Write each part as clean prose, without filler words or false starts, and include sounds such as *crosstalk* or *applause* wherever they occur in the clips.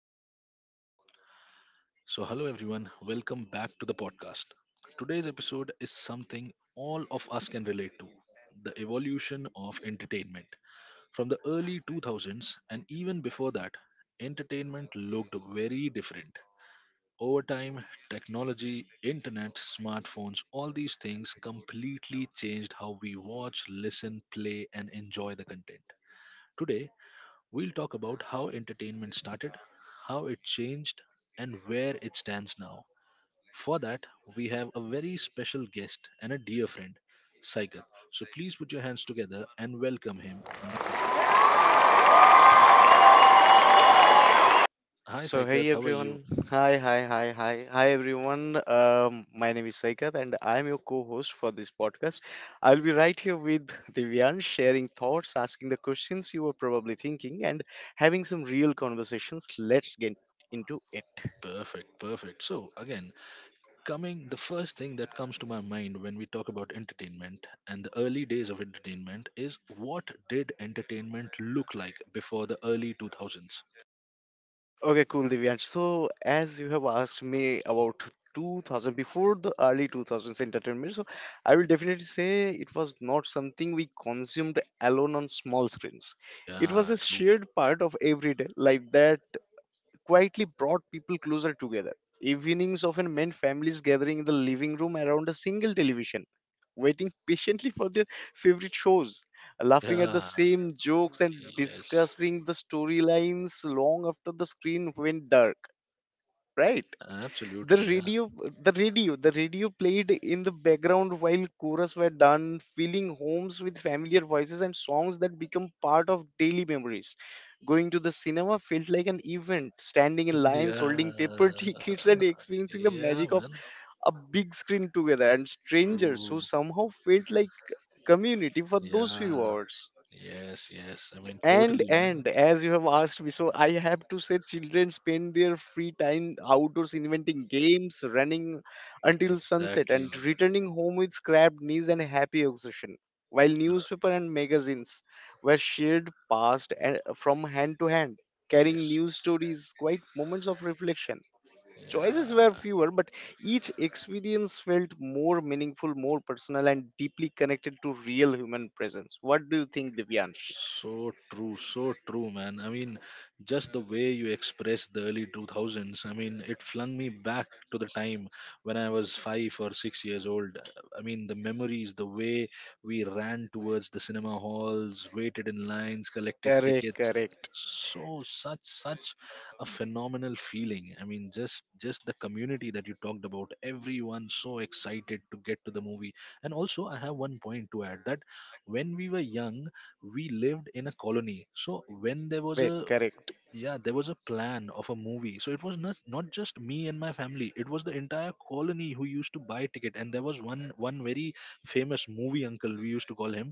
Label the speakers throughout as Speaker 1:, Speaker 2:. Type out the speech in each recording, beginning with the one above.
Speaker 1: now. So, hello everyone, welcome back to the podcast. Today's episode is something all of us can relate to the evolution of entertainment. From the early 2000s and even before that, entertainment looked very different. Over time, technology, internet, smartphones, all these things completely changed how we watch, listen, play, and enjoy the content. Today, we'll talk about how entertainment started, how it changed, and where it stands now. For that, we have a very special guest and a dear friend, Saikat. So please put your hands together and welcome him. Hi,
Speaker 2: So
Speaker 1: Saikat.
Speaker 2: hey
Speaker 1: How are you?
Speaker 2: everyone, hi hi hi hi hi everyone. My name is Saikat and I'm your co-host for this podcast. I'll be right here with Divyan, sharing thoughts, asking the questions you were probably thinking, and having some real conversations. Let's get into it.
Speaker 1: Perfect, perfect. So again, coming the first thing that comes to my mind when we talk about entertainment and the early days of entertainment is what did entertainment look like before the early 2000s?
Speaker 2: Okay, cool, Divyansh. So, as you have asked me about 2000, before the early 2000s entertainment, so I will definitely say it was not something we consumed alone on small screens. It was
Speaker 1: Yeah,
Speaker 2: a
Speaker 1: true.
Speaker 2: shared part of everyday life that quietly brought people closer together. Evenings often meant families gathering in the living room around a single television, waiting patiently for their favorite shows, laughing at the
Speaker 1: Yeah,
Speaker 2: same jokes, and
Speaker 1: yes,
Speaker 2: discussing the storylines long after the screen went dark. Right? the
Speaker 1: absolutely. Yeah,
Speaker 2: radio the radio played in the background while chorus were done filling homes with familiar voices and songs that become part of daily memories. Going to the cinema felt like an event,
Speaker 1: *laughs*
Speaker 2: standing in lines holding paper *laughs*
Speaker 1: yeah,
Speaker 2: tickets and experiencing the
Speaker 1: yeah,
Speaker 2: magic of
Speaker 1: man.
Speaker 2: a big screen together, and strangers
Speaker 1: True.
Speaker 2: who somehow felt like community for those few
Speaker 1: Yeah,
Speaker 2: hours.
Speaker 1: yes, yes. I mean,
Speaker 2: and
Speaker 1: totally, man.
Speaker 2: and as you have asked me, so I have to say children spend their free time outdoors, inventing games, running until sunset
Speaker 1: Exactly.
Speaker 2: and returning home with scrapped knees and happy exhaustion, while
Speaker 1: Uh,
Speaker 2: newspaper and magazines were shared, passed from hand to hand, carrying
Speaker 1: yes.
Speaker 2: news stories, quite moments of reflection. Choices were
Speaker 1: Yeah.
Speaker 2: fewer, but each experience felt more meaningful, more personal, and deeply connected to real human presence. What do you think, Divyansh?
Speaker 1: So true, man. I mean, just the way you expressed the early 2000s, I mean, it flung me back to the time when I was 5 or 6 years old. I mean, the memories, the way we ran towards the cinema halls, waited in lines, collected
Speaker 2: Correct,
Speaker 1: tickets.
Speaker 2: correct,
Speaker 1: So, such a phenomenal feeling. I mean, just the community that you talked about, everyone so excited to get to the movie. And also, I have one point to add that when we were young, we lived in a colony, so when there was
Speaker 2: correct,
Speaker 1: a
Speaker 2: correct.
Speaker 1: yeah, there was a plan of a movie. So it was not just me and my family. It was the entire colony who used to buy ticket, and there was one very famous movie uncle we used to call him.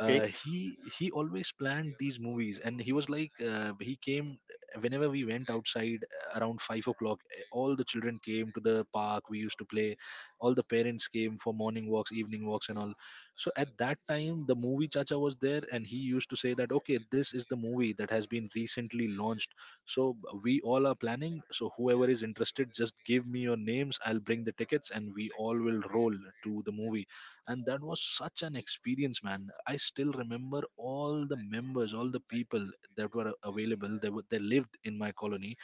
Speaker 1: uh, he he always planned these movies, and he was like, he came whenever we went outside around 5 o'clock. All the children came to the park. We used to play. All the parents came for morning walks, evening walks, and all. So at that time, the movie Chacha was there, and he used to say that, okay, this is the movie that has been recently launched. So we all are planning. So whoever is interested, just give me your names. I'll bring the tickets, and we all will roll to the movie. And that was such an experience, man. I still remember all the members, all the people that were available. They were, they lived in my colony.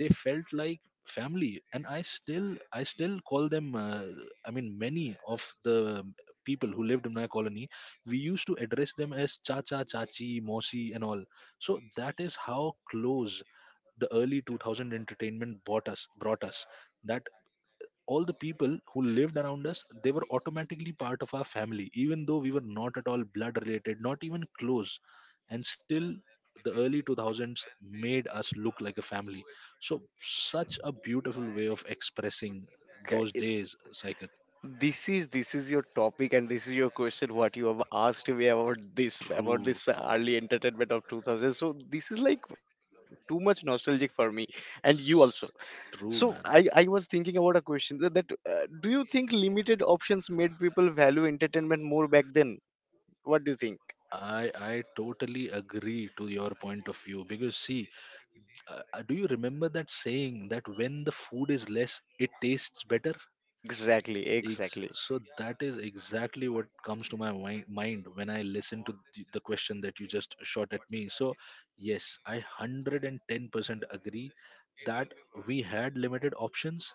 Speaker 1: They felt like family, and I still call them. I mean, many of the people who lived in my colony, we used to address them as Chacha, Chachi, Mosi, and all. So that is how close the early 2000 entertainment brought us. That all the people who lived around us, they were automatically part of our family, even though we were not at all blood related, not even close. And still, the early 2000s made us look like a family. So such a beautiful way of expressing
Speaker 2: Ca-
Speaker 1: those
Speaker 2: it-
Speaker 1: days, Saket.
Speaker 2: This is your topic and this is your question. What you have asked me about this
Speaker 1: True, true.
Speaker 2: early entertainment of 2000. So this is like too much nostalgic for me and you also. So
Speaker 1: True,
Speaker 2: I
Speaker 1: man.
Speaker 2: I was thinking about a question, that do you think limited options made people value entertainment more back then? What do you think?
Speaker 1: I totally agree to your point of view because, see, do you remember that saying that when the food is less, it tastes better?
Speaker 2: Exactly,
Speaker 1: Ex-
Speaker 2: exactly.
Speaker 1: so that is exactly what comes to my mind when I listen to the question that you just shot at me. So yes, I 110% agree that we had limited options.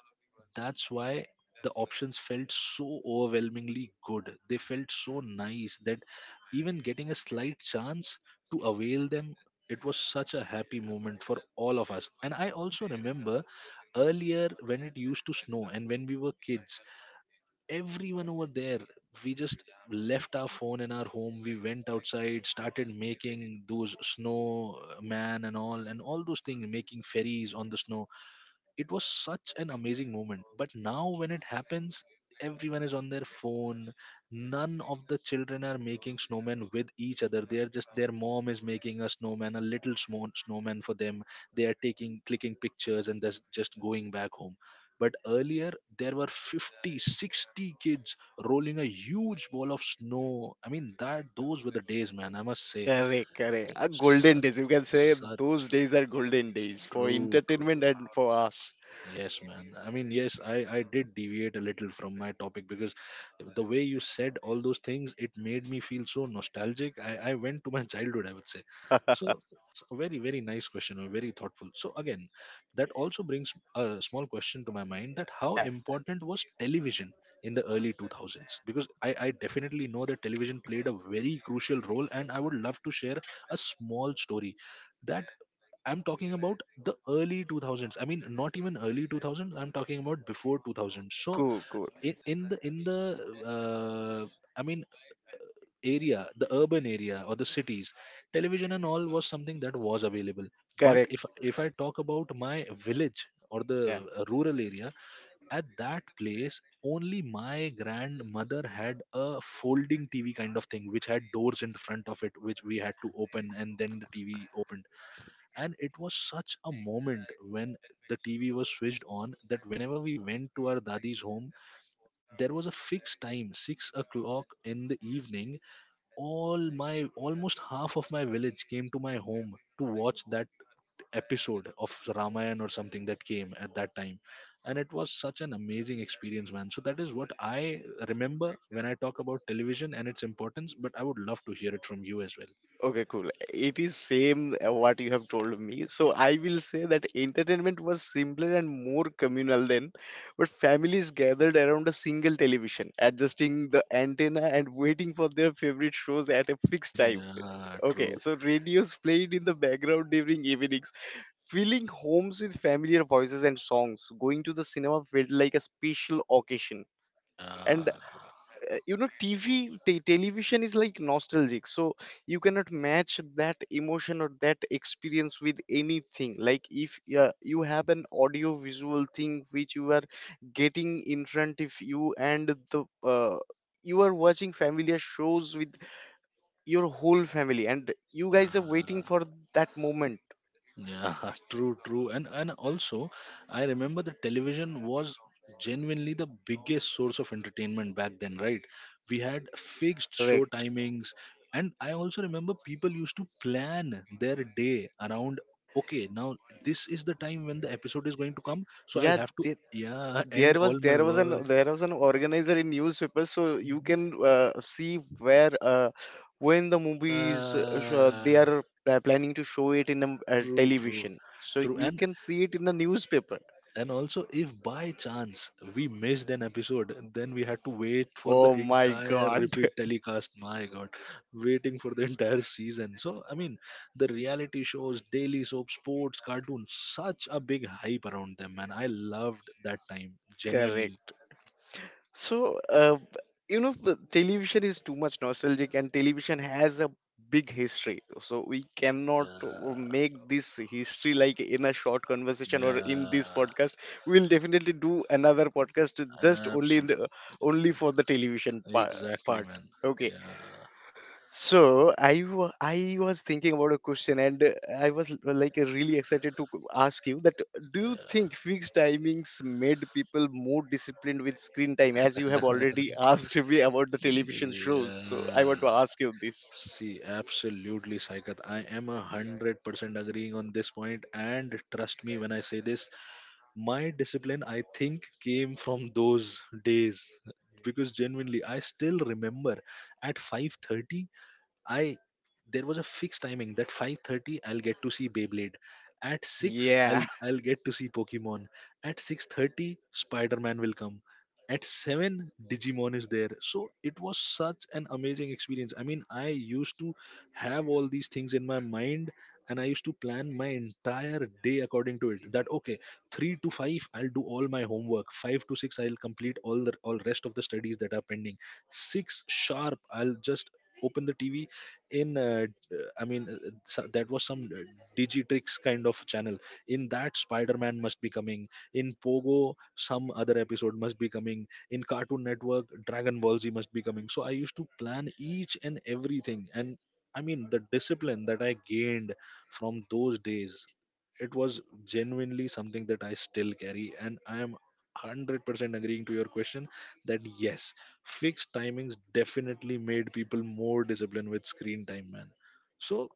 Speaker 1: That's why the options felt so overwhelmingly good. They felt so nice that even getting a slight chance to avail them, it was such a happy moment for all of us. And I also remember earlier, when it used to snow and when we were kids, everyone over there, we just left our phone in our home. We went outside, started making those snow man and all those things, making ferries on the snow. It was such an amazing moment, but now when it happens, everyone is on their phone. None of the children are making snowmen with each other. They are just, their mom is making a snowman, a little snowman for them. They are taking, clicking pictures, and that's just going back home. But earlier, there were 50, 60 kids rolling a huge ball of snow. I mean, that those were the days, man, I must say.
Speaker 2: Correct, correct. A golden
Speaker 1: Such,
Speaker 2: days. You can say
Speaker 1: such.
Speaker 2: those days are golden days for
Speaker 1: True, true.
Speaker 2: entertainment and for us.
Speaker 1: Yes, man. I mean, yes, I did deviate a little from my topic because the way you said all those things, it made me feel so nostalgic. I went to my *laughs* childhood, I would say.
Speaker 2: *laughs*
Speaker 1: So, it's a very, very nice question, a very thoughtful. So, again, that also brings a small question to my mind that how
Speaker 2: Yeah,
Speaker 1: important was television in the early 2000s? Because I definitely know that television played a very crucial role, and I would love to share a small story that I'm talking about the early 2000s. I mean, not even early 2000s. I'm talking about before 2000s. So
Speaker 2: cool, cool.
Speaker 1: in the uh, I mean, area, the urban area or the cities, television and all was something that was available. But
Speaker 2: Correct.
Speaker 1: if I talk about my village or the
Speaker 2: Yeah.
Speaker 1: rural area, at that place only my grandmother had a folding TV kind of thing, which had doors in front of it, which we had to open, and then the TV opened. And it was such a moment when the TV was switched on, that whenever we went to our daddy's home, there was a fixed time 6 o'clock in the evening, all my, almost half of my village came to my home to watch that episode of Ramayana or something that came at that time. And it was such an amazing experience, man. So that is what I remember when I talk about television and its importance, but I would love to hear it from you as well.
Speaker 2: Okay, cool. It is same what you have told me. So I will say that entertainment was simpler and more communal then, but families gathered around a single television, adjusting the antenna and waiting for their favorite shows at a
Speaker 1: *laughs*
Speaker 2: fixed time.
Speaker 1: Yeah,
Speaker 2: Okay,
Speaker 1: true.
Speaker 2: so radios played in the background during evenings, filling homes with familiar voices and songs. Going to the cinema felt like a special occasion. And
Speaker 1: Yeah,
Speaker 2: TV, television is like nostalgic, so you cannot match that emotion or that experience with anything. Like if you have an audio visual thing which you are getting in front of you, and the you are watching familiar shows with your whole family, and you guys are waiting
Speaker 1: yeah.
Speaker 2: for that moment.
Speaker 1: Yeah, *laughs* true, true. And also, I remember the television was genuinely the biggest source of entertainment back then, right? We had fixed show
Speaker 2: Correct.
Speaker 1: timings, and I also remember people used to plan their day around, okay, now this is the time when the episode is going to come, so I'll
Speaker 2: Yeah.
Speaker 1: have to,
Speaker 2: th-
Speaker 1: yeah, *laughs* end all my work.
Speaker 2: there was an organizer in newspaper, so you can see where when the movies
Speaker 1: Yeah,
Speaker 2: they are planning to show it in a,
Speaker 1: true, true,
Speaker 2: television, so
Speaker 1: true.
Speaker 2: you
Speaker 1: And
Speaker 2: can see it in the newspaper.
Speaker 1: And also, if by chance we missed an episode, then we had to wait for the
Speaker 2: Oh my
Speaker 1: entire
Speaker 2: god.
Speaker 1: repeat
Speaker 2: *laughs*
Speaker 1: telecast. My God, waiting for the *laughs* entire season. So, I mean, the reality shows, daily soap, sports, cartoons, such a big hype around them, and I loved that time, genuinely.
Speaker 2: Correct. So, you know, the television is too much nostalgic, and television has a big history. So, we cannot
Speaker 1: Yeah,
Speaker 2: make this history like in a short conversation or in this
Speaker 1: yeah,
Speaker 2: podcast. We'll definitely do another podcast just only
Speaker 1: absolutely.
Speaker 2: only for the television par-
Speaker 1: Exactly,
Speaker 2: part.
Speaker 1: man.
Speaker 2: Okay.
Speaker 1: Yeah,
Speaker 2: So I was thinking about a question, and I was like really excited to ask you that. Do you
Speaker 1: yeah,
Speaker 2: think fixed timings made people more disciplined with screen time, as you have already *laughs* asked me about the television shows? So I want
Speaker 1: yeah.
Speaker 2: to ask you this.
Speaker 1: See, absolutely, Saikat. I am 100% agreeing on this point, and trust me when I say this, my discipline I think came from those days because genuinely I still remember at 5:30, I there was a fixed timing that 5:30 I'll get to see Beyblade. At 6, I'll
Speaker 2: Yeah,
Speaker 1: I'll get to see Pokemon. At 6:30, Spider-Man will come. At 7, Digimon is there. So it was such an amazing experience. I mean, I used to have all these things in my mind, and I used to plan my entire day according to it. That, okay, 3 to 5 I'll do all my homework. 5 to 6 I'll complete all rest of the studies that are pending. 6 sharp I'll just open the TV, I mean, that was some digitrix kind of channel. In that, Spider-Man must be coming. In Pogo, some other episode must be coming. In Cartoon Network, Dragon Ball Z must be coming. So I used to plan each and everything. And I mean, the discipline that I gained from those days, it was genuinely something that I still carry, and I am 100% agreeing to your question that yes, fixed timings definitely made people more disciplined with screen time, man. So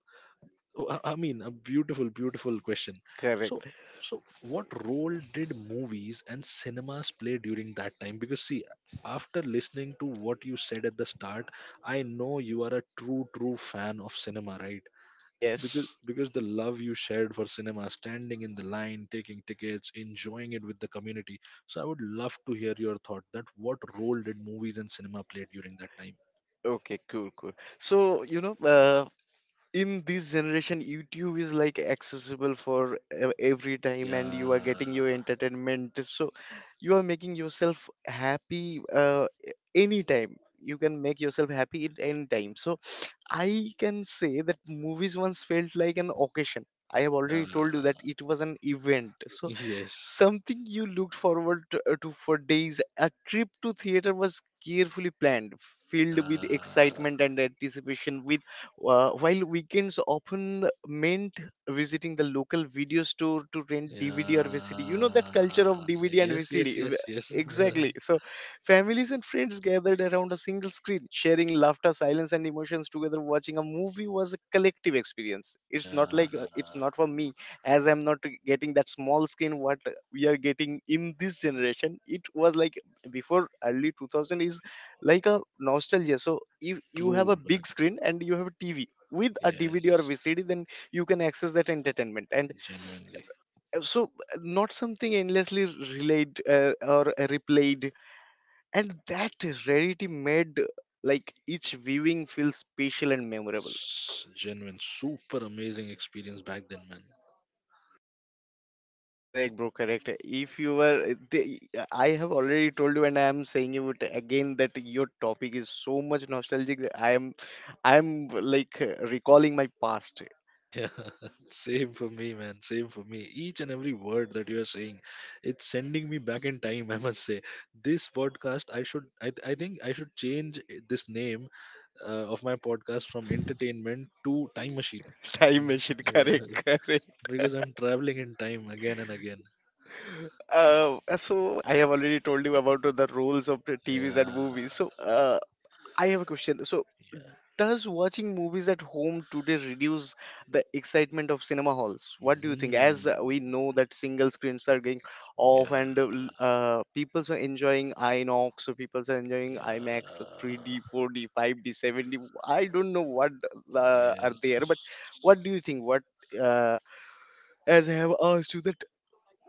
Speaker 1: I mean, a beautiful, beautiful question.
Speaker 2: *laughs*
Speaker 1: So
Speaker 2: correct.
Speaker 1: so what role did movies and cinemas play during that time? Because, see, after listening to what you said at the start, I know you are a true, true fan of cinema, right? because
Speaker 2: Yes.
Speaker 1: because the love you shared for cinema, standing in the line, taking tickets, enjoying it with the community, so I would love to hear your thought that what role did movies and cinema play during that time.
Speaker 2: Okay, cool, cool. So, in this generation YouTube is like accessible for every time and you are
Speaker 1: Yeah,
Speaker 2: getting your entertainment, so you are making yourself happy anytime, you can make yourself happy at any time. So I can say that movies once felt like an occasion. I have
Speaker 1: yeah.
Speaker 2: already told you that it was an event. So
Speaker 1: Yes.
Speaker 2: something you looked forward to, for days. A trip to theater was carefully planned, filled with
Speaker 1: Yeah,
Speaker 2: excitement and anticipation. With While weekends often meant visiting the local video store to rent DVD or VCD. You know that culture of
Speaker 1: yeah.
Speaker 2: DVD and
Speaker 1: Yes, yes,
Speaker 2: VCD.
Speaker 1: yes, yes.
Speaker 2: Exactly. So, families and friends gathered around a single screen, sharing laughter, silence, and emotions together. Watching a movie was a collective experience.
Speaker 1: *laughs* Yeah,
Speaker 2: It's not for me, as I'm not getting that small screen what we are getting in this generation. It was like before early 2000 is like a nostalgia, so if you have a
Speaker 1: true, man.
Speaker 2: big screen and you have a TV with a DVD or
Speaker 1: Yes,
Speaker 2: VCD, then you can access that entertainment. And
Speaker 1: genuinely.
Speaker 2: uh, so not something endlessly relayed or replayed, and that rarity made like each viewing feel special and memorable.
Speaker 1: It's genuine super amazing experience back then, man.
Speaker 2: Correct, bro. Correct. If you were, the- I have already told you, and I am saying it again that your topic is so much nostalgic, that I am like recalling my past.
Speaker 1: Yeah, *laughs* same for me, man. Same for me. Each and every word that you are saying, it's sending me back in time. *laughs* I must say, this podcast, I should, I think, I should change this name of my podcast from entertainment to time machine.
Speaker 2: *laughs* Time machine.
Speaker 1: Yeah,
Speaker 2: Correct, correct.
Speaker 1: because I'm traveling in time again and again.
Speaker 2: So I have already told you about the roles of the TVs and
Speaker 1: Yeah.
Speaker 2: movies. So I have a question. So does watching movies at home today reduce the excitement of cinema halls? What do you think? As we
Speaker 1: Hmm.
Speaker 2: know that single screens are going off, and
Speaker 1: Yeah.
Speaker 2: people are enjoying INOX, so people are enjoying IMAX,
Speaker 1: Yeah.
Speaker 2: 3D, 4D, 5D, 7D. I don't know what are there, but
Speaker 1: Yes.
Speaker 2: what do you think? Uh, as I have asked you, that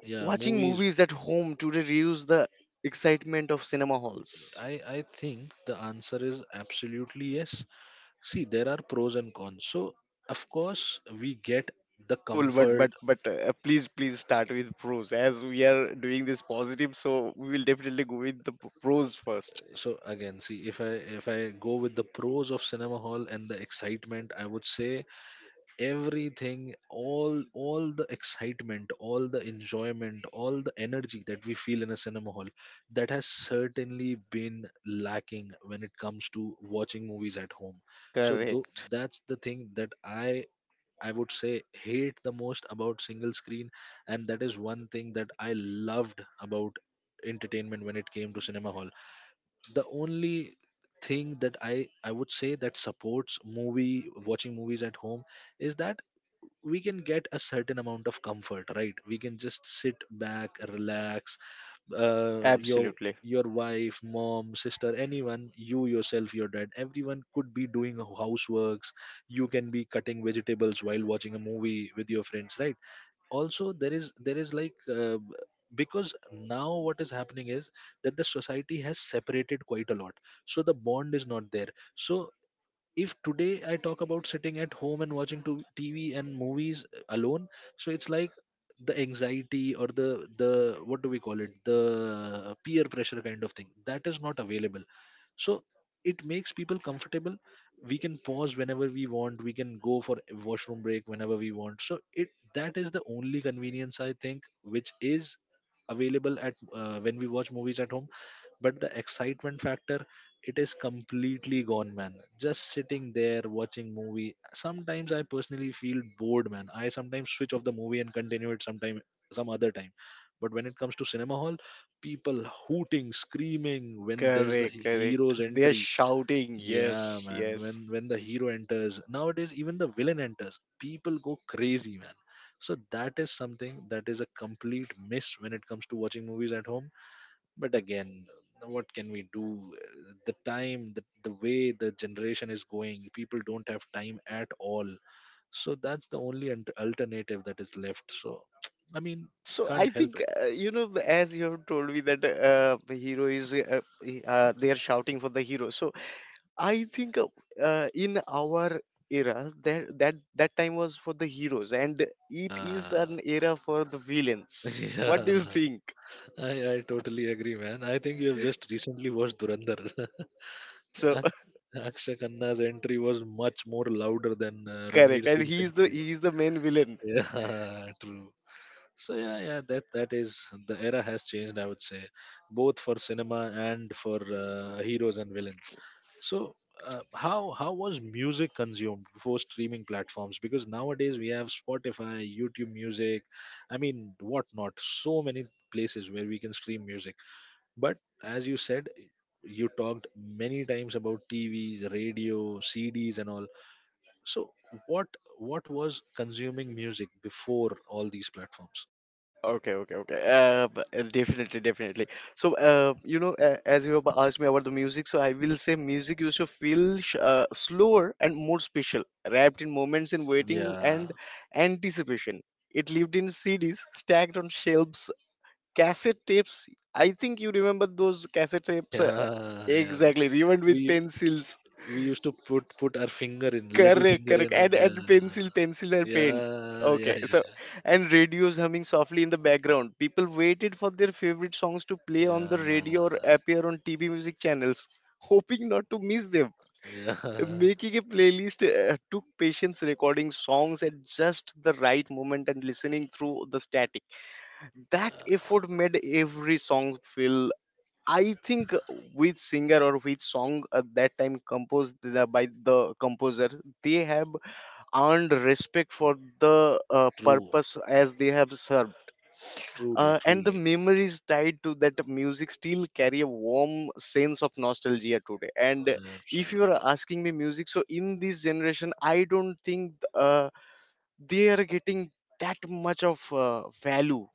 Speaker 1: Yeah,
Speaker 2: watching
Speaker 1: movies.
Speaker 2: movies at home today reduce the excitement of cinema halls?
Speaker 1: I think the answer is absolutely yes. See, there are pros and cons, so of course we get the
Speaker 2: Cool, but but
Speaker 1: comfort.
Speaker 2: but uh, please start with pros, as we are doing this positive, so we will definitely go with the pros first.
Speaker 1: So again, see, if I go with the pros of cinema hall and the excitement, I would say everything, all the excitement, all the enjoyment, all the energy that we feel in a cinema hall, that has certainly been lacking when it comes to watching movies at home. So though,
Speaker 2: Correct,
Speaker 1: that's the thing that I would say hate the most about single screen, and that is one thing that I loved about entertainment when it came to cinema hall. The only thing that I would say that supports movie watching movies at home is that we can get a certain amount of comfort, right? We can just sit back, relax, uh, your
Speaker 2: absolutely
Speaker 1: your wife, mom, sister, anyone, you, yourself, your dad, everyone could be doing houseworks. You can be cutting vegetables while watching a movie with your friends, right? Also, there is like because now what is happening is that the society has separated quite a lot, so the bond is not there. So if today I talk about sitting at home and watching to TV and movies alone, so it's like the anxiety or the what do we call it, the peer pressure kind of thing, that is not available. So it makes people comfortable. We can pause whenever we want, we can go for a washroom break whenever we want. So it that is the only convenience I think which is available at when we watch movies at home. But the excitement factor, it is completely gone, man. Just sitting there watching movie, sometimes I personally feel bored, man. I sometimes switch off the movie and continue it sometime, some other time. But when it comes to cinema hall, people hooting, screaming when there's
Speaker 2: correct, correct.
Speaker 1: hero's
Speaker 2: They are
Speaker 1: entry.
Speaker 2: shouting,
Speaker 1: Yeah,
Speaker 2: yes,
Speaker 1: man,
Speaker 2: yes.
Speaker 1: when the hero enters nowadays, even the villain enters, people go crazy, man. So that is something that is a complete miss when it comes to watching movies at home. But again, what can we do? The time, the way the generation is going, people don't have time at all. So that's the only alternative that is left. So *tsk* I mean,
Speaker 2: So I
Speaker 1: can't help
Speaker 2: think
Speaker 1: it.
Speaker 2: as you have told me that the hero is they are shouting for the hero. So I think in our era, that that time was for the heroes, and it is
Speaker 1: Yeah.
Speaker 2: an era for the villains.
Speaker 1: *laughs* Yeah.
Speaker 2: What do you think?
Speaker 1: I totally agree, man. I think you have just recently watched Durandar. *laughs*
Speaker 2: So *laughs*
Speaker 1: Ak- Akshay Khanna's entry was much more louder than Ranveer
Speaker 2: correct, and
Speaker 1: Singh's
Speaker 2: he's the
Speaker 1: entry.
Speaker 2: he's the main villain.
Speaker 1: Yeah. *laughs* True. So yeah, yeah, that, that is, the era has changed, I would say, both for cinema and for heroes and villains. So how was music consumed before streaming platforms? Because nowadays we have Spotify, YouTube Music, I mean, whatnot, so many places where we can stream music. But as you said, you talked many times about TVs, radio, CDs, and all. So what what was consuming music before all these platforms?
Speaker 2: Okay, okay, okay. Definitely, definitely. So, as you have asked me about the music, so I will say music used to feel slower and more special, wrapped in moments in waiting
Speaker 1: Yeah,
Speaker 2: and anticipation. It lived in CDs stacked on shelves, cassette tapes. I think you remember those cassette
Speaker 1: *laughs*
Speaker 2: tapes.
Speaker 1: yeah, yeah.
Speaker 2: Exactly, rewound with
Speaker 1: We
Speaker 2: pencils.
Speaker 1: used to put our finger in, little
Speaker 2: Correct,
Speaker 1: finger
Speaker 2: correct.
Speaker 1: in, and
Speaker 2: And
Speaker 1: yeah,
Speaker 2: and pencil and pen.
Speaker 1: yeah,
Speaker 2: Okay,
Speaker 1: yeah,
Speaker 2: so
Speaker 1: yeah,
Speaker 2: and radios humming softly in the background. People waited for their favorite songs to play on the radio or
Speaker 1: yeah.
Speaker 2: appear on TV music channels, *laughs* hoping not to miss them.
Speaker 1: Yeah. *laughs* Yeah.
Speaker 2: Making a playlist took patience, recording songs at just the right moment and listening through the static. That
Speaker 1: Uh,
Speaker 2: effort made every song feel. I think which singer or which song at that time composed by the composer, they have earned respect for the
Speaker 1: true,
Speaker 2: purpose as they have served.
Speaker 1: truly,
Speaker 2: And the
Speaker 1: truly,
Speaker 2: memories tied to that music still carry a warm sense of nostalgia today. And if you are
Speaker 1: absolutely.
Speaker 2: asking me music, so in this generation, I don't think they are getting that much of value.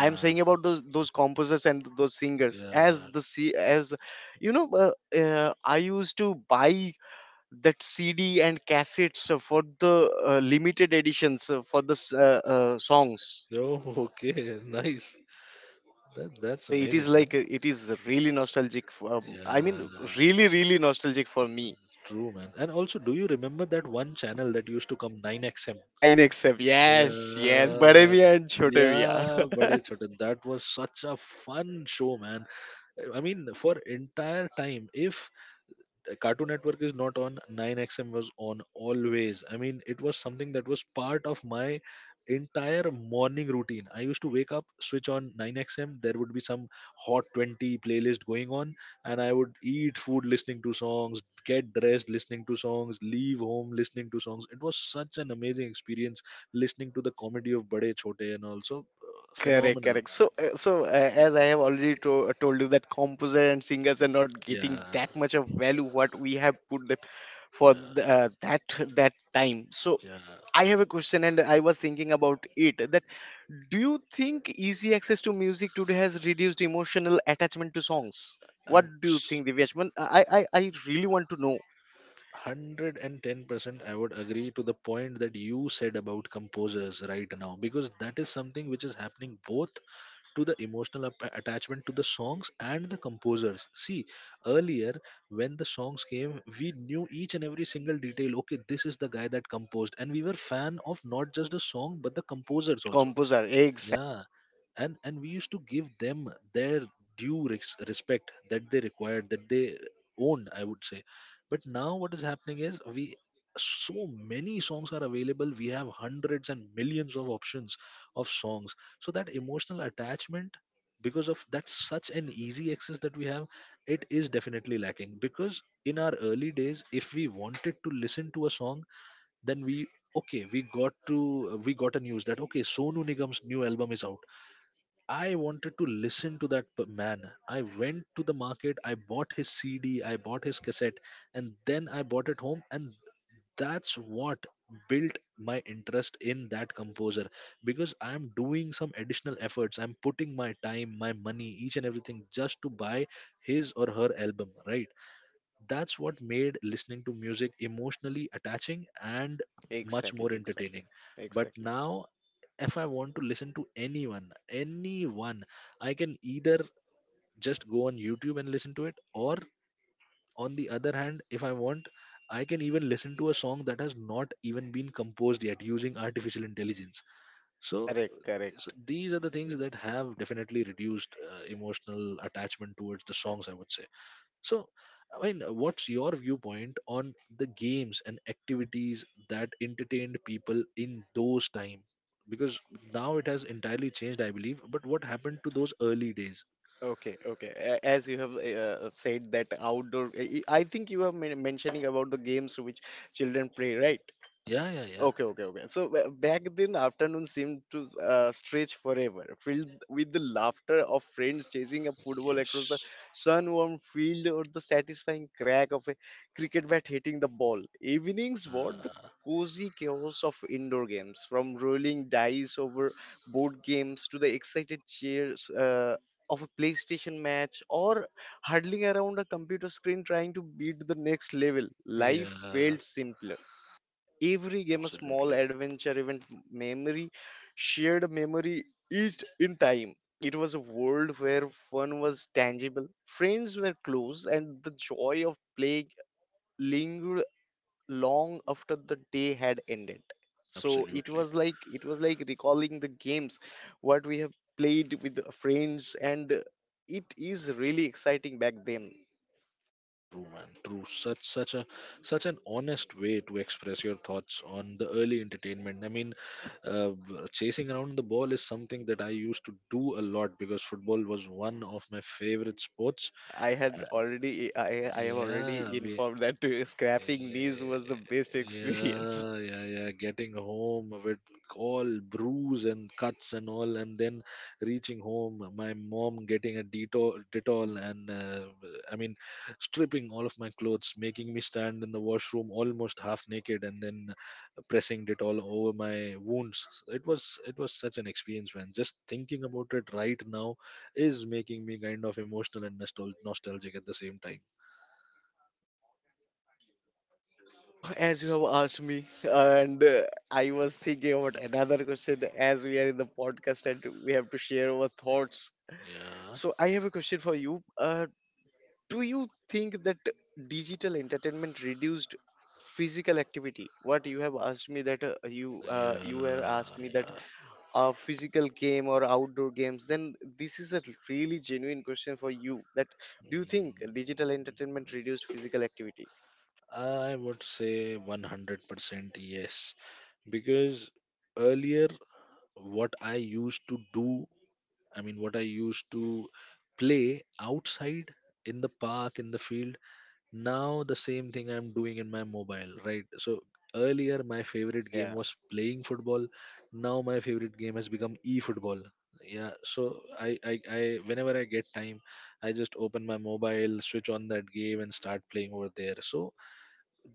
Speaker 2: I'm saying about those composers and those singers, as
Speaker 1: yeah.
Speaker 2: the se- as you know I used to buy that CD and cassettes for the limited editions for the songs.
Speaker 1: Oh, *laughs* okay, nice. That, that's
Speaker 2: So it is
Speaker 1: amazing, man.
Speaker 2: really nostalgic for, I
Speaker 1: Yeah,
Speaker 2: mean, really nostalgic for me.
Speaker 1: true, man. And also, do you remember that one channel that used to come, 9XM?
Speaker 2: 9XF, yes, yes, Bade
Speaker 1: Yeah,
Speaker 2: Miyan and Chote Miyan.
Speaker 1: yeah, Bade Chote. That was such a fun show, man. I mean, for entire time, if Cartoon Network is not on, 9XM was on always. I mean, it was something that was part of my entire morning routine. I used to wake up, switch on 9XM, there would be some Hot 20 playlist going on, and I would eat food listening to songs, get dressed listening to songs, leave home listening to songs. It was such an amazing experience listening to the comedy of Bade Chote and also
Speaker 2: *laughs* Correct,
Speaker 1: phenomenal,
Speaker 2: correct.
Speaker 1: man.
Speaker 2: So as I have already told you that composer and singers are not getting
Speaker 1: Yeah,
Speaker 2: that much of value what we have put them for
Speaker 1: yeah,
Speaker 2: that that time. So
Speaker 1: yeah.
Speaker 2: I have a question and I was thinking about it, that do you think easy access to music today has reduced emotional attachment to songs? What
Speaker 1: I'm
Speaker 2: do you think, Divyashman? I really want to know.
Speaker 1: 110% I would agree to the point that you said about composers right now, because that is something which is happening both to the emotional attachment to the songs and the composers. See, earlier, when the songs came, we knew each and every single detail. Okay, this is the guy that composed, and we were fan of not just the song but the composers also.
Speaker 2: Composer. Exactly.
Speaker 1: Yeah. And we used to give them their respect that they required, that they owned, I would say. But now what is happening is we so many songs are available, we have hundreds and millions of options of songs. So that emotional attachment, because of that such an easy access that we have, it is definitely lacking. Because in our early days, if we wanted to listen to a song, then we okay, we got a news that, okay, Sonu Nigam's new album is out. I wanted to listen to man. I went to the market, I bought his CD, I bought his cassette, and then I bought it home. And that's what built my interest in that composer, because I'm doing some additional efforts. I'm putting my time, my money, each and everything just to buy his or her album, right? That's what made listening to music emotionally attaching and much
Speaker 2: Exactly.
Speaker 1: more
Speaker 2: Exactly.
Speaker 1: entertaining. But
Speaker 2: Exactly.
Speaker 1: now, if I want to listen to anyone, anyone, I can either just go on YouTube and listen to it, or on the other hand, if I want, I can even listen to a song that has not even been composed yet using artificial intelligence. So,
Speaker 2: Correct.
Speaker 1: so
Speaker 2: Correct.
Speaker 1: these are the things that have definitely reduced emotional attachment towards the songs, I would say. So, I mean, what's your viewpoint on the games and activities that entertained people in those time? Because now it has entirely changed, I believe. But what happened to those early days?
Speaker 2: Okay. Okay. As you have said that outdoor, I think you were mentioning about the games which children play, right?
Speaker 1: Yeah, yeah, yeah.
Speaker 2: Okay, okay, okay. So back then, afternoon seemed to stretch forever, filled with the laughter of friends chasing a football across the
Speaker 1: Yes.
Speaker 2: sun-warmed field, or the satisfying crack of a cricket bat hitting the ball. Evenings brought the
Speaker 1: Uh,
Speaker 2: cozy chaos of indoor games, from rolling dice over board games to the excited cheers of a PlayStation match or huddling around a computer screen trying to beat the next level. Life
Speaker 1: yeah.
Speaker 2: felt simpler, every game a small
Speaker 1: Absolutely.
Speaker 2: adventure event memory, shared memory each in time. It was a world where fun was tangible, friends were close, and the joy of playing lingered long after the day had ended. So it
Speaker 1: Absolutely.
Speaker 2: was like it was like recalling the games what we have played with friends, and it is really exciting back then.
Speaker 1: True, man. True. Such such a such an honest way to express your thoughts on the early entertainment. I mean, chasing around the ball is something that I used to do a lot because football was one of my favorite sports.
Speaker 2: I had
Speaker 1: Uh,
Speaker 2: already I I have
Speaker 1: yeah,
Speaker 2: already
Speaker 1: we
Speaker 2: informed that *laughs*
Speaker 1: Eh,
Speaker 2: scrapping knees was the best experience. *laughs*
Speaker 1: Yeah, yeah, yeah. Getting home with all bruise and cuts and all, and then reaching home, my mom getting a Detol, Detol and I mean, stripping all of my clothes, making me stand in the washroom almost half naked, and then pressing Detol over my wounds. It was such an experience, man. Just thinking about it right now is making me kind of emotional and nostalgic at the same time.
Speaker 2: Oh, as you have asked me, and I was thinking about another question as we are in the podcast and we have to share our thoughts.
Speaker 1: Yeah.
Speaker 2: So I have a question for you. Do you think that digital entertainment reduced physical activity? What you have asked me that you were asked me that
Speaker 1: Yeah,
Speaker 2: a physical game or outdoor games, then this is a really genuine question for you: that do you think digital entertainment reduced physical activity?
Speaker 1: I would say 100% yes. Because earlier, what I used to do, I mean, what I used to play outside, in the park, in the field, now the same thing I'm doing in my mobile, right? So earlier my favorite game
Speaker 2: Yeah.
Speaker 1: was playing football, now my favorite game has become e-football. Yeah. So I whenever I get time, I just open my mobile, switch on that game, and start playing over there. So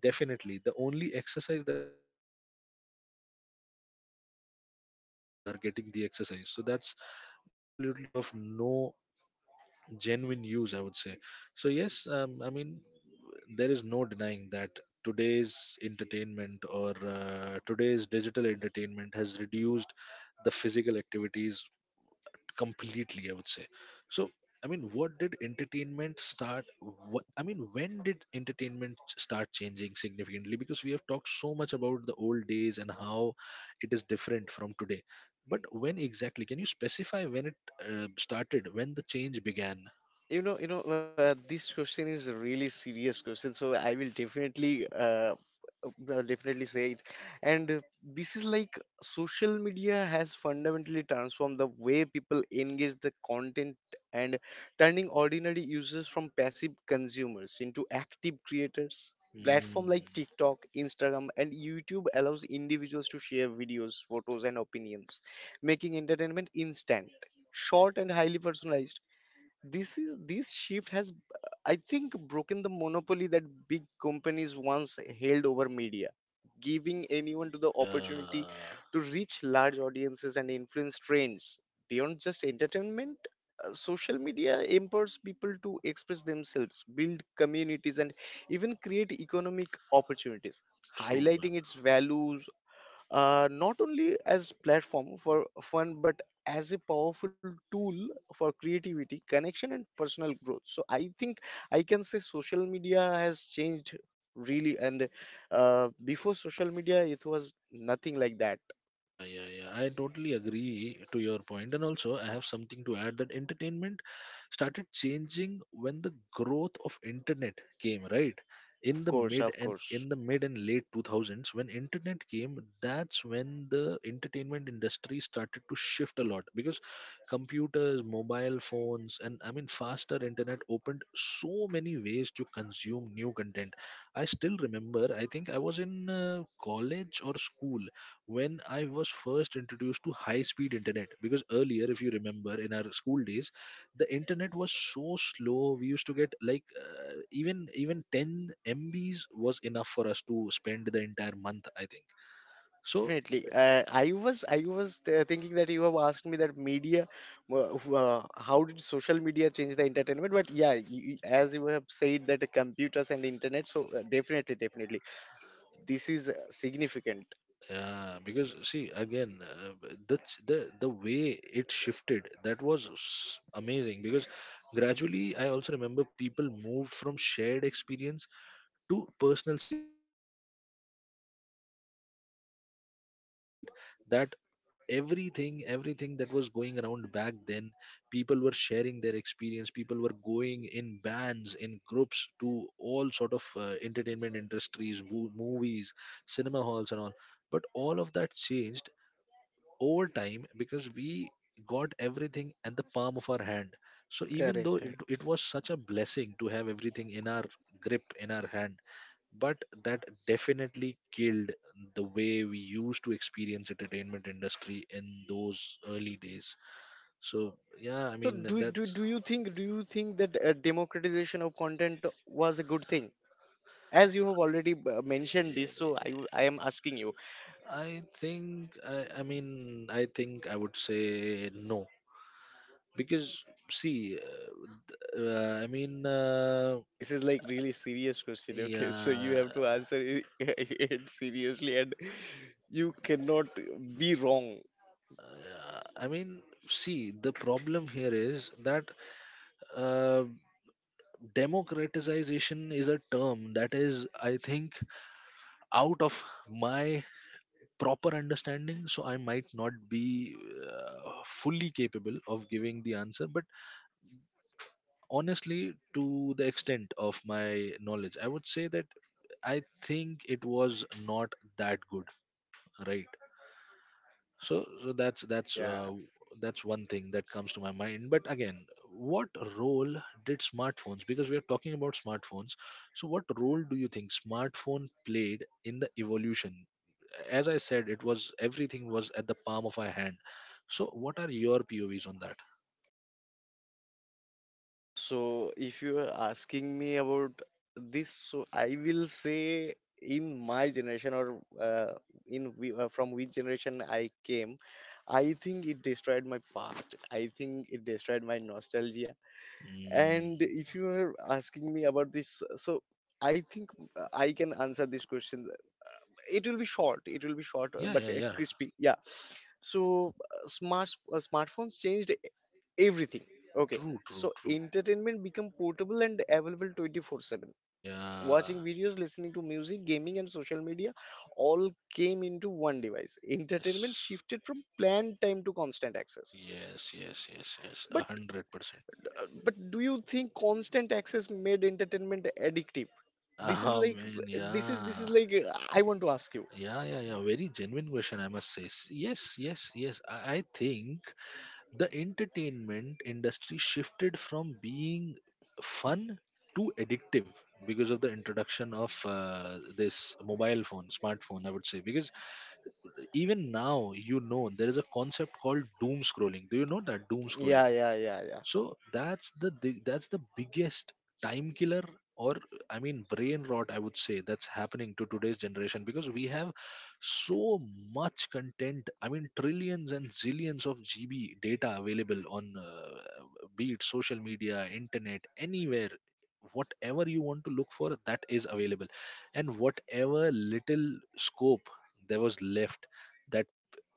Speaker 1: definitely the only exercise that I'm getting is my fingers, right? Just my two thumbs are getting the exercise. So that's absolutely of no genuine use, I would say. So yes, I mean, there is no denying that today's entertainment, or today's digital entertainment has reduced the physical activities completely, I would say. So I mean, what did entertainment start what I mean when did entertainment start changing significantly? Because we have talked so much about the old days and how it is different from today. But when exactly can you specify when it started, when the change began?
Speaker 2: You know, this question is a really serious question, so I will definitely say it. And this is like, social media has fundamentally transformed the way people engage the content, and turning ordinary users from passive consumers into active creators. Platform like
Speaker 1: Mm,
Speaker 2: TikTok, Instagram, and YouTube allows individuals to share videos, photos, and opinions, making entertainment instant, short, and highly personalized. This is this shift has I think broken the monopoly that big companies once held over media, giving anyone to the opportunity
Speaker 1: yeah,
Speaker 2: to reach large audiences and influence trends beyond just entertainment. Social media empowers people to express themselves, build communities, and even create economic opportunities,
Speaker 1: true.
Speaker 2: highlighting its values, not only as platform for fun but as a powerful tool for creativity, connection, and personal growth. So I think I can say social media has changed really. And before social media
Speaker 1: Mm,
Speaker 2: it was
Speaker 1: I mean,
Speaker 2: nothing like
Speaker 1: yes,
Speaker 2: that.
Speaker 1: yeah, yeah, yeah. I totally agree to your point, and also I have something to add that entertainment started changing when the growth of internet came, right?
Speaker 2: Of
Speaker 1: In
Speaker 2: course, of course.
Speaker 1: the mid and late 2000s, when internet came, that's when the entertainment industry started to shift a lot because computers, mobile phones, and I mean faster internet opened so many ways to consume new content. I still remember, I think I was in college or school when I was first introduced to high speed internet. Because earlier, if you remember, in our school days, the internet was so slow. We used to get like even 10 MBs was enough for us to spend the entire month, I think. So,
Speaker 2: Definitely, I was thinking that you have asked me that media, how did social media change the entertainment, but yeah, you, as you have said that computers and internet, so definitely, this is significant.
Speaker 1: because see, again, the way it shifted, that was amazing because gradually I also remember people moved from shared experience to personal screens, because this is exactly what we have been discussing for so long, right? That everything that was going around back then, people were sharing their experience, people were going in bands, in groups, to all sort of entertainment industries, movies, cinema halls and all. But all of that changed over time because we got everything at the palm of our hand. So even
Speaker 2: Correct,
Speaker 1: though it,
Speaker 2: correct.
Speaker 1: it was such a blessing to have everything in our grip, in our hand, but that definitely killed the way we used to experience entertainment industry in those early days. So yeah, I
Speaker 2: So
Speaker 1: mean,
Speaker 2: do, do
Speaker 1: that's...
Speaker 2: do you think do you think that democratization of content was a good thing? As you have already mentioned this, so I am asking you.
Speaker 1: I think I mean, I think I would say no, because see, uh, i mean uh,
Speaker 2: This is like really serious question, okay? *laughs* So you
Speaker 1: yeah.
Speaker 2: have to answer it, *laughs* it seriously, and you cannot be wrong.
Speaker 1: uh, i mean See, the problem here is that, uh, democratization is a term that is, I think, out of my proper understanding, so I might not be fully capable of giving the answer. But honestly, to the extent of my knowledge, I would say that I think it was not that good, right? So that's
Speaker 2: Yeah.
Speaker 1: that's one thing that comes to my mind. But again, what role did smartphones... because we are talking about smartphones, so what role do you think smartphone played in the evolution? As I said, it was everything was at the palm of our hand. So, what are your POVs on that?
Speaker 2: So, if you are asking me about this, so I will say, in my generation or from which generation I came, I think it destroyed my past. I think it destroyed my nostalgia.
Speaker 1: Mm,
Speaker 2: And if you are asking me about this, so I think I can answer this question. It will be short. It will be short,
Speaker 1: yeah,
Speaker 2: but
Speaker 1: yeah, yeah.
Speaker 2: crispy. Yeah. So smartphones changed everything, okay?
Speaker 1: True, true,
Speaker 2: So
Speaker 1: true.
Speaker 2: entertainment become portable and available 24/7,
Speaker 1: Yeah.
Speaker 2: watching videos, listening to music, gaming, and social media, all came into one device. Entertainment
Speaker 1: Yes.
Speaker 2: shifted from planned time to constant access.
Speaker 1: Yes, yes, yes, yes.
Speaker 2: But
Speaker 1: 100%.
Speaker 2: but do you think constant access made entertainment addictive? This is
Speaker 1: Ah,
Speaker 2: like
Speaker 1: man,
Speaker 2: this is
Speaker 1: yeah.
Speaker 2: like I want to ask you.
Speaker 1: Yeah, yeah, yeah. Very genuine question, I must say. Yes, yes, yes. I think the entertainment industry shifted from being fun to addictive because of the introduction of this mobile phone, smartphone, I would say. Because even now, you know, there is a concept called doom scrolling. Do you know that doom
Speaker 2: Yeah,
Speaker 1: scrolling?
Speaker 2: yeah, yeah, yeah.
Speaker 1: So that's the that's the biggest time killer, or, I mean, brain rot, I would say, that's happening to today's generation. Because we have so much content, I mean trillions and zillions of GB data available on, be it social media, internet, anywhere, whatever you want to look for, that is available. And whatever little scope there was left, that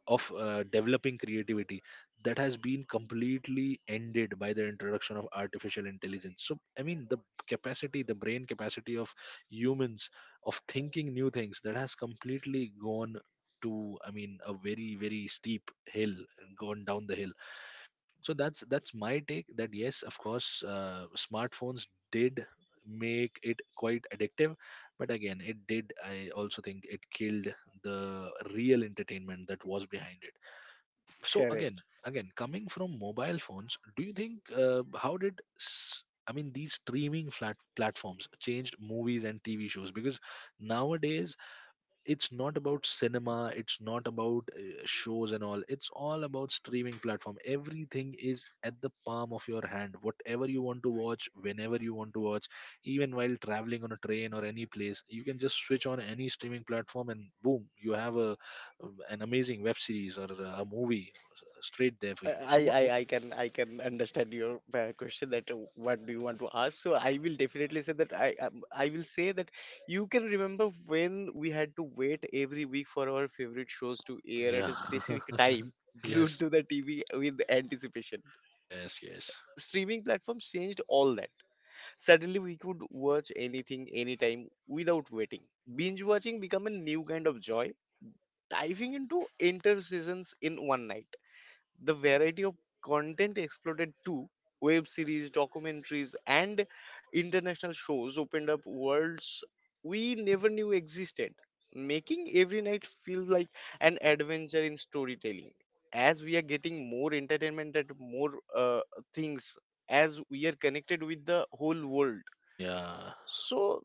Speaker 1: of developing creativity, that has been completely ended by the introduction of artificial intelligence. So I mean, the capacity, the brain capacity of humans of thinking new things, that has completely gone to, I mean, a very steep hill, gone down the hill. So that's my take, that yes, of course, smartphones did make it quite addictive, but again it did... I also think it killed the real entertainment that was behind it. So again
Speaker 2: Correct.
Speaker 1: again coming from mobile phones, do you think, how did I mean, these streaming flat platforms changed movies and TV shows? Because nowadays it's not about cinema, it's not about shows and all. It's all about streaming platform. Everything is at the palm of your hand, whatever you want to watch, whenever you want to watch. Even while traveling on a train or any place, you can just switch on any streaming platform and boom, you have a an amazing web series, or a movie, straight there for you. So
Speaker 2: I, I,
Speaker 1: what...
Speaker 2: I can I can understand your question that what do you want to ask. So I will definitely say that I will say that you can remember when we had to wait every week for our favorite shows to air at
Speaker 1: Yeah.
Speaker 2: a specific time, *laughs*
Speaker 1: *laughs*
Speaker 2: glued
Speaker 1: Yes.
Speaker 2: to the TV with anticipation.
Speaker 1: Yes, yes.
Speaker 2: Streaming platforms changed all that. Suddenly we could watch anything anytime without waiting. Binge watching become a new kind of joy, diving into inter seasons in one night. The variety of content exploded too. Web series, documentaries, and international shows opened up worlds we never knew existed, making every night feel like an adventure in storytelling. As we are getting more entertainment and more things, as we are connected with the whole world.
Speaker 1: Yeah.
Speaker 2: So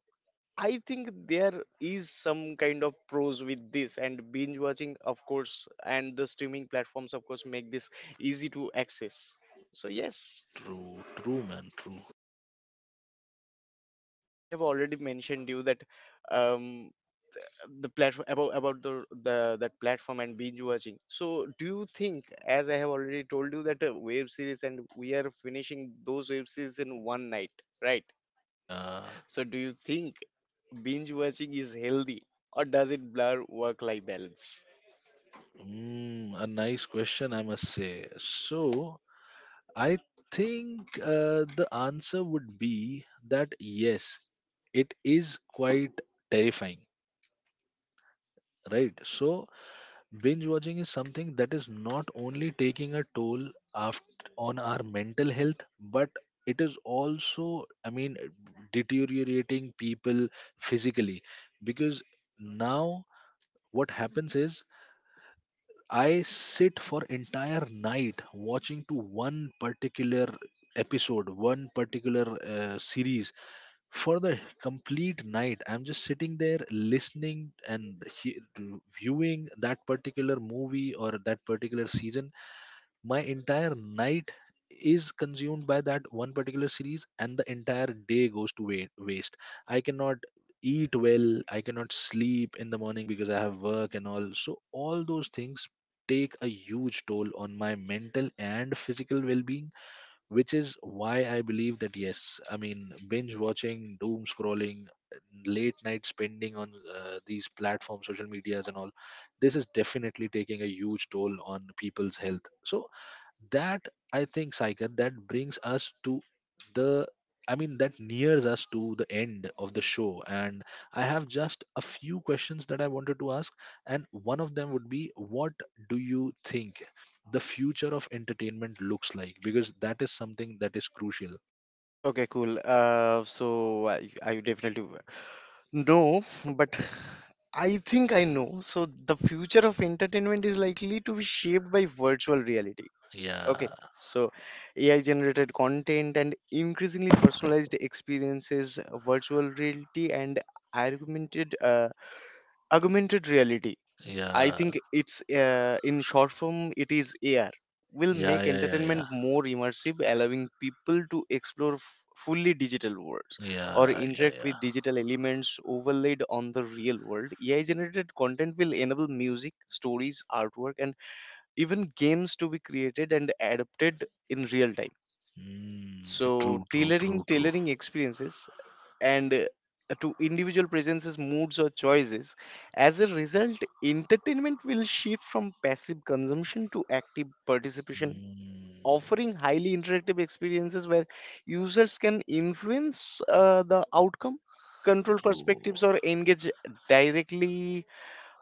Speaker 2: I think there is some kind of pros with this, and binge watching, of course, and the streaming platforms, of course, make this easy to access. So yes,
Speaker 1: True, true, man, true.
Speaker 2: I have already mentioned you that um, the platform about the that platform and binge watching. So do you think, as I have already told you, that a web series, and we are finishing those web series in one night, right?
Speaker 1: Yeah.
Speaker 2: So do you think binge watching is healthy, or does it blur work life balance?
Speaker 1: Mm, a nice question, I must say. So, I think the answer would be that yes, it is quite terrifying, right? So, binge watching is something that is not only taking a toll, after, on our mental health, but it is also, I mean, deteriorating people physically. Because now what happens is, I sit for entire night watching to one particular episode, one particular series for the complete night. I'm just sitting there listening and viewing that particular movie or that particular season. My entire night is consumed by that one particular series, and the entire day goes to waste. I cannot eat well, I cannot sleep in the morning because I have work and all. So all those things take a huge toll on my mental and physical well-being, which is why I believe that yes, I mean, binge watching, doom scrolling, late night spending on these platforms, social medias and all, this is definitely taking a huge toll on people's health. So that, I think, Saikar, that brings us to the... I mean, that nears us to the end of the show. And I have just a few questions that I wanted to ask, and one of them would be, what do you think the future of entertainment looks like? Because that is something that is crucial.
Speaker 2: Okay, cool. So I definitely know, but I think I know. So the future of entertainment is likely to be shaped by virtual reality. Okay,
Speaker 1: Yeah,
Speaker 2: so AI generated content and increasingly personalized experiences, virtual reality and augmented uh, augmented reality, I
Speaker 1: yeah,
Speaker 2: think it's in short form, it is AR, will
Speaker 1: yeah,
Speaker 2: make
Speaker 1: yeah.
Speaker 2: entertainment more immersive, allowing people to explore fully digital worlds or
Speaker 1: Yeah, yeah,
Speaker 2: interact
Speaker 1: yeah.
Speaker 2: with digital elements overlaid on the real world. AI generated content will enable music, stories, artwork, and even games to be created and adapted in real time.
Speaker 1: Mm, true,
Speaker 2: So
Speaker 1: true, true,
Speaker 2: tailoring
Speaker 1: true.
Speaker 2: tailoring experiences and to individual presences, moods, or choices. As a result, entertainment will shift from passive consumption to active participation,
Speaker 1: Mm,
Speaker 2: offering highly interactive experiences where users can influence the outcome, control
Speaker 1: true.
Speaker 2: perspectives, or engage directly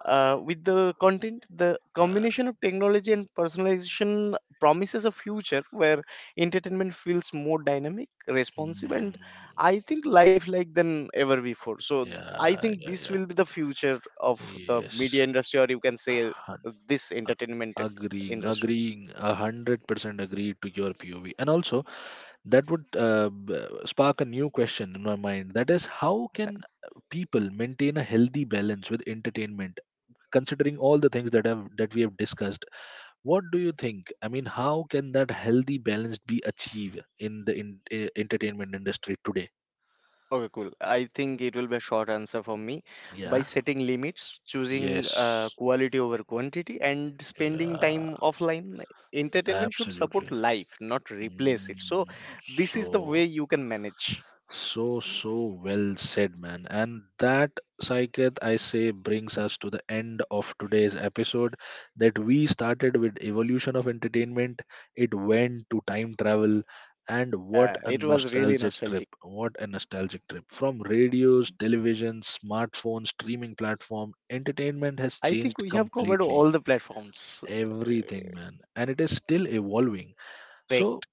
Speaker 2: with the content. The
Speaker 1: Uh,
Speaker 2: combination of technology and personalization promises a future where entertainment feels more dynamic, responsive,
Speaker 1: mm,
Speaker 2: and I think lifelike than ever before. So I
Speaker 1: yeah,
Speaker 2: think
Speaker 1: yeah,
Speaker 2: this
Speaker 1: yeah.
Speaker 2: will be the future of the media
Speaker 1: Yes,
Speaker 2: industry, or you can say
Speaker 1: hun-
Speaker 2: this
Speaker 1: uh,
Speaker 2: entertainment
Speaker 1: agreeing,
Speaker 2: industry.
Speaker 1: agreeing, 100% agree to your POV. And also, that would spark a new question in my mind. That is, how
Speaker 2: Yeah.
Speaker 1: can people maintain a healthy balance with entertainment, considering all the things that have that we have discussed? What do you think? I mean, how can that healthy balance be achieved in the entertainment industry today?
Speaker 2: Okay, cool. I think it will be a short answer for me: by
Speaker 1: Yeah.
Speaker 2: setting limits, choosing
Speaker 1: Yes.
Speaker 2: quality over quantity, and spending time
Speaker 1: Yeah.
Speaker 2: offline. Entertainment should support
Speaker 1: Absolutely.
Speaker 2: life, not replace it. So,
Speaker 1: Mm,
Speaker 2: this is the way
Speaker 1: so...
Speaker 2: you can manage.
Speaker 1: So, so well said, man. And that, Saiket, I say, brings us to the end of today's episode. That we started with evolution of entertainment, it went to time travel, and what
Speaker 2: Yeah,
Speaker 1: a
Speaker 2: it was really
Speaker 1: nostalgic trip!
Speaker 2: nostalgic.
Speaker 1: What a nostalgic trip! From radios, television, smartphones, streaming platform, entertainment has
Speaker 2: I think
Speaker 1: changed
Speaker 2: we have covered
Speaker 1: completely.
Speaker 2: all the platforms.
Speaker 1: Everything, man, and it is still evolving. So,
Speaker 2: Correct.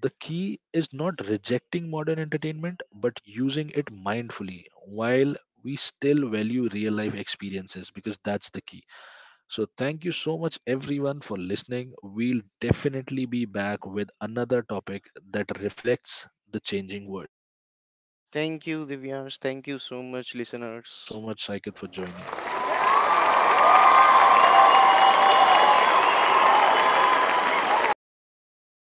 Speaker 1: the key is not rejecting modern entertainment but using it mindfully while we still value real life experiences, because that's the key. So thank you so much everyone for listening. We'll definitely be back with another topic that reflects the changing world. Until then,
Speaker 2: Thank you,
Speaker 1: take care,
Speaker 2: Divyansh. Thank
Speaker 1: stay
Speaker 2: you so
Speaker 1: balanced,
Speaker 2: much,
Speaker 1: and thank you
Speaker 2: listeners.
Speaker 1: so much Saikit for joining.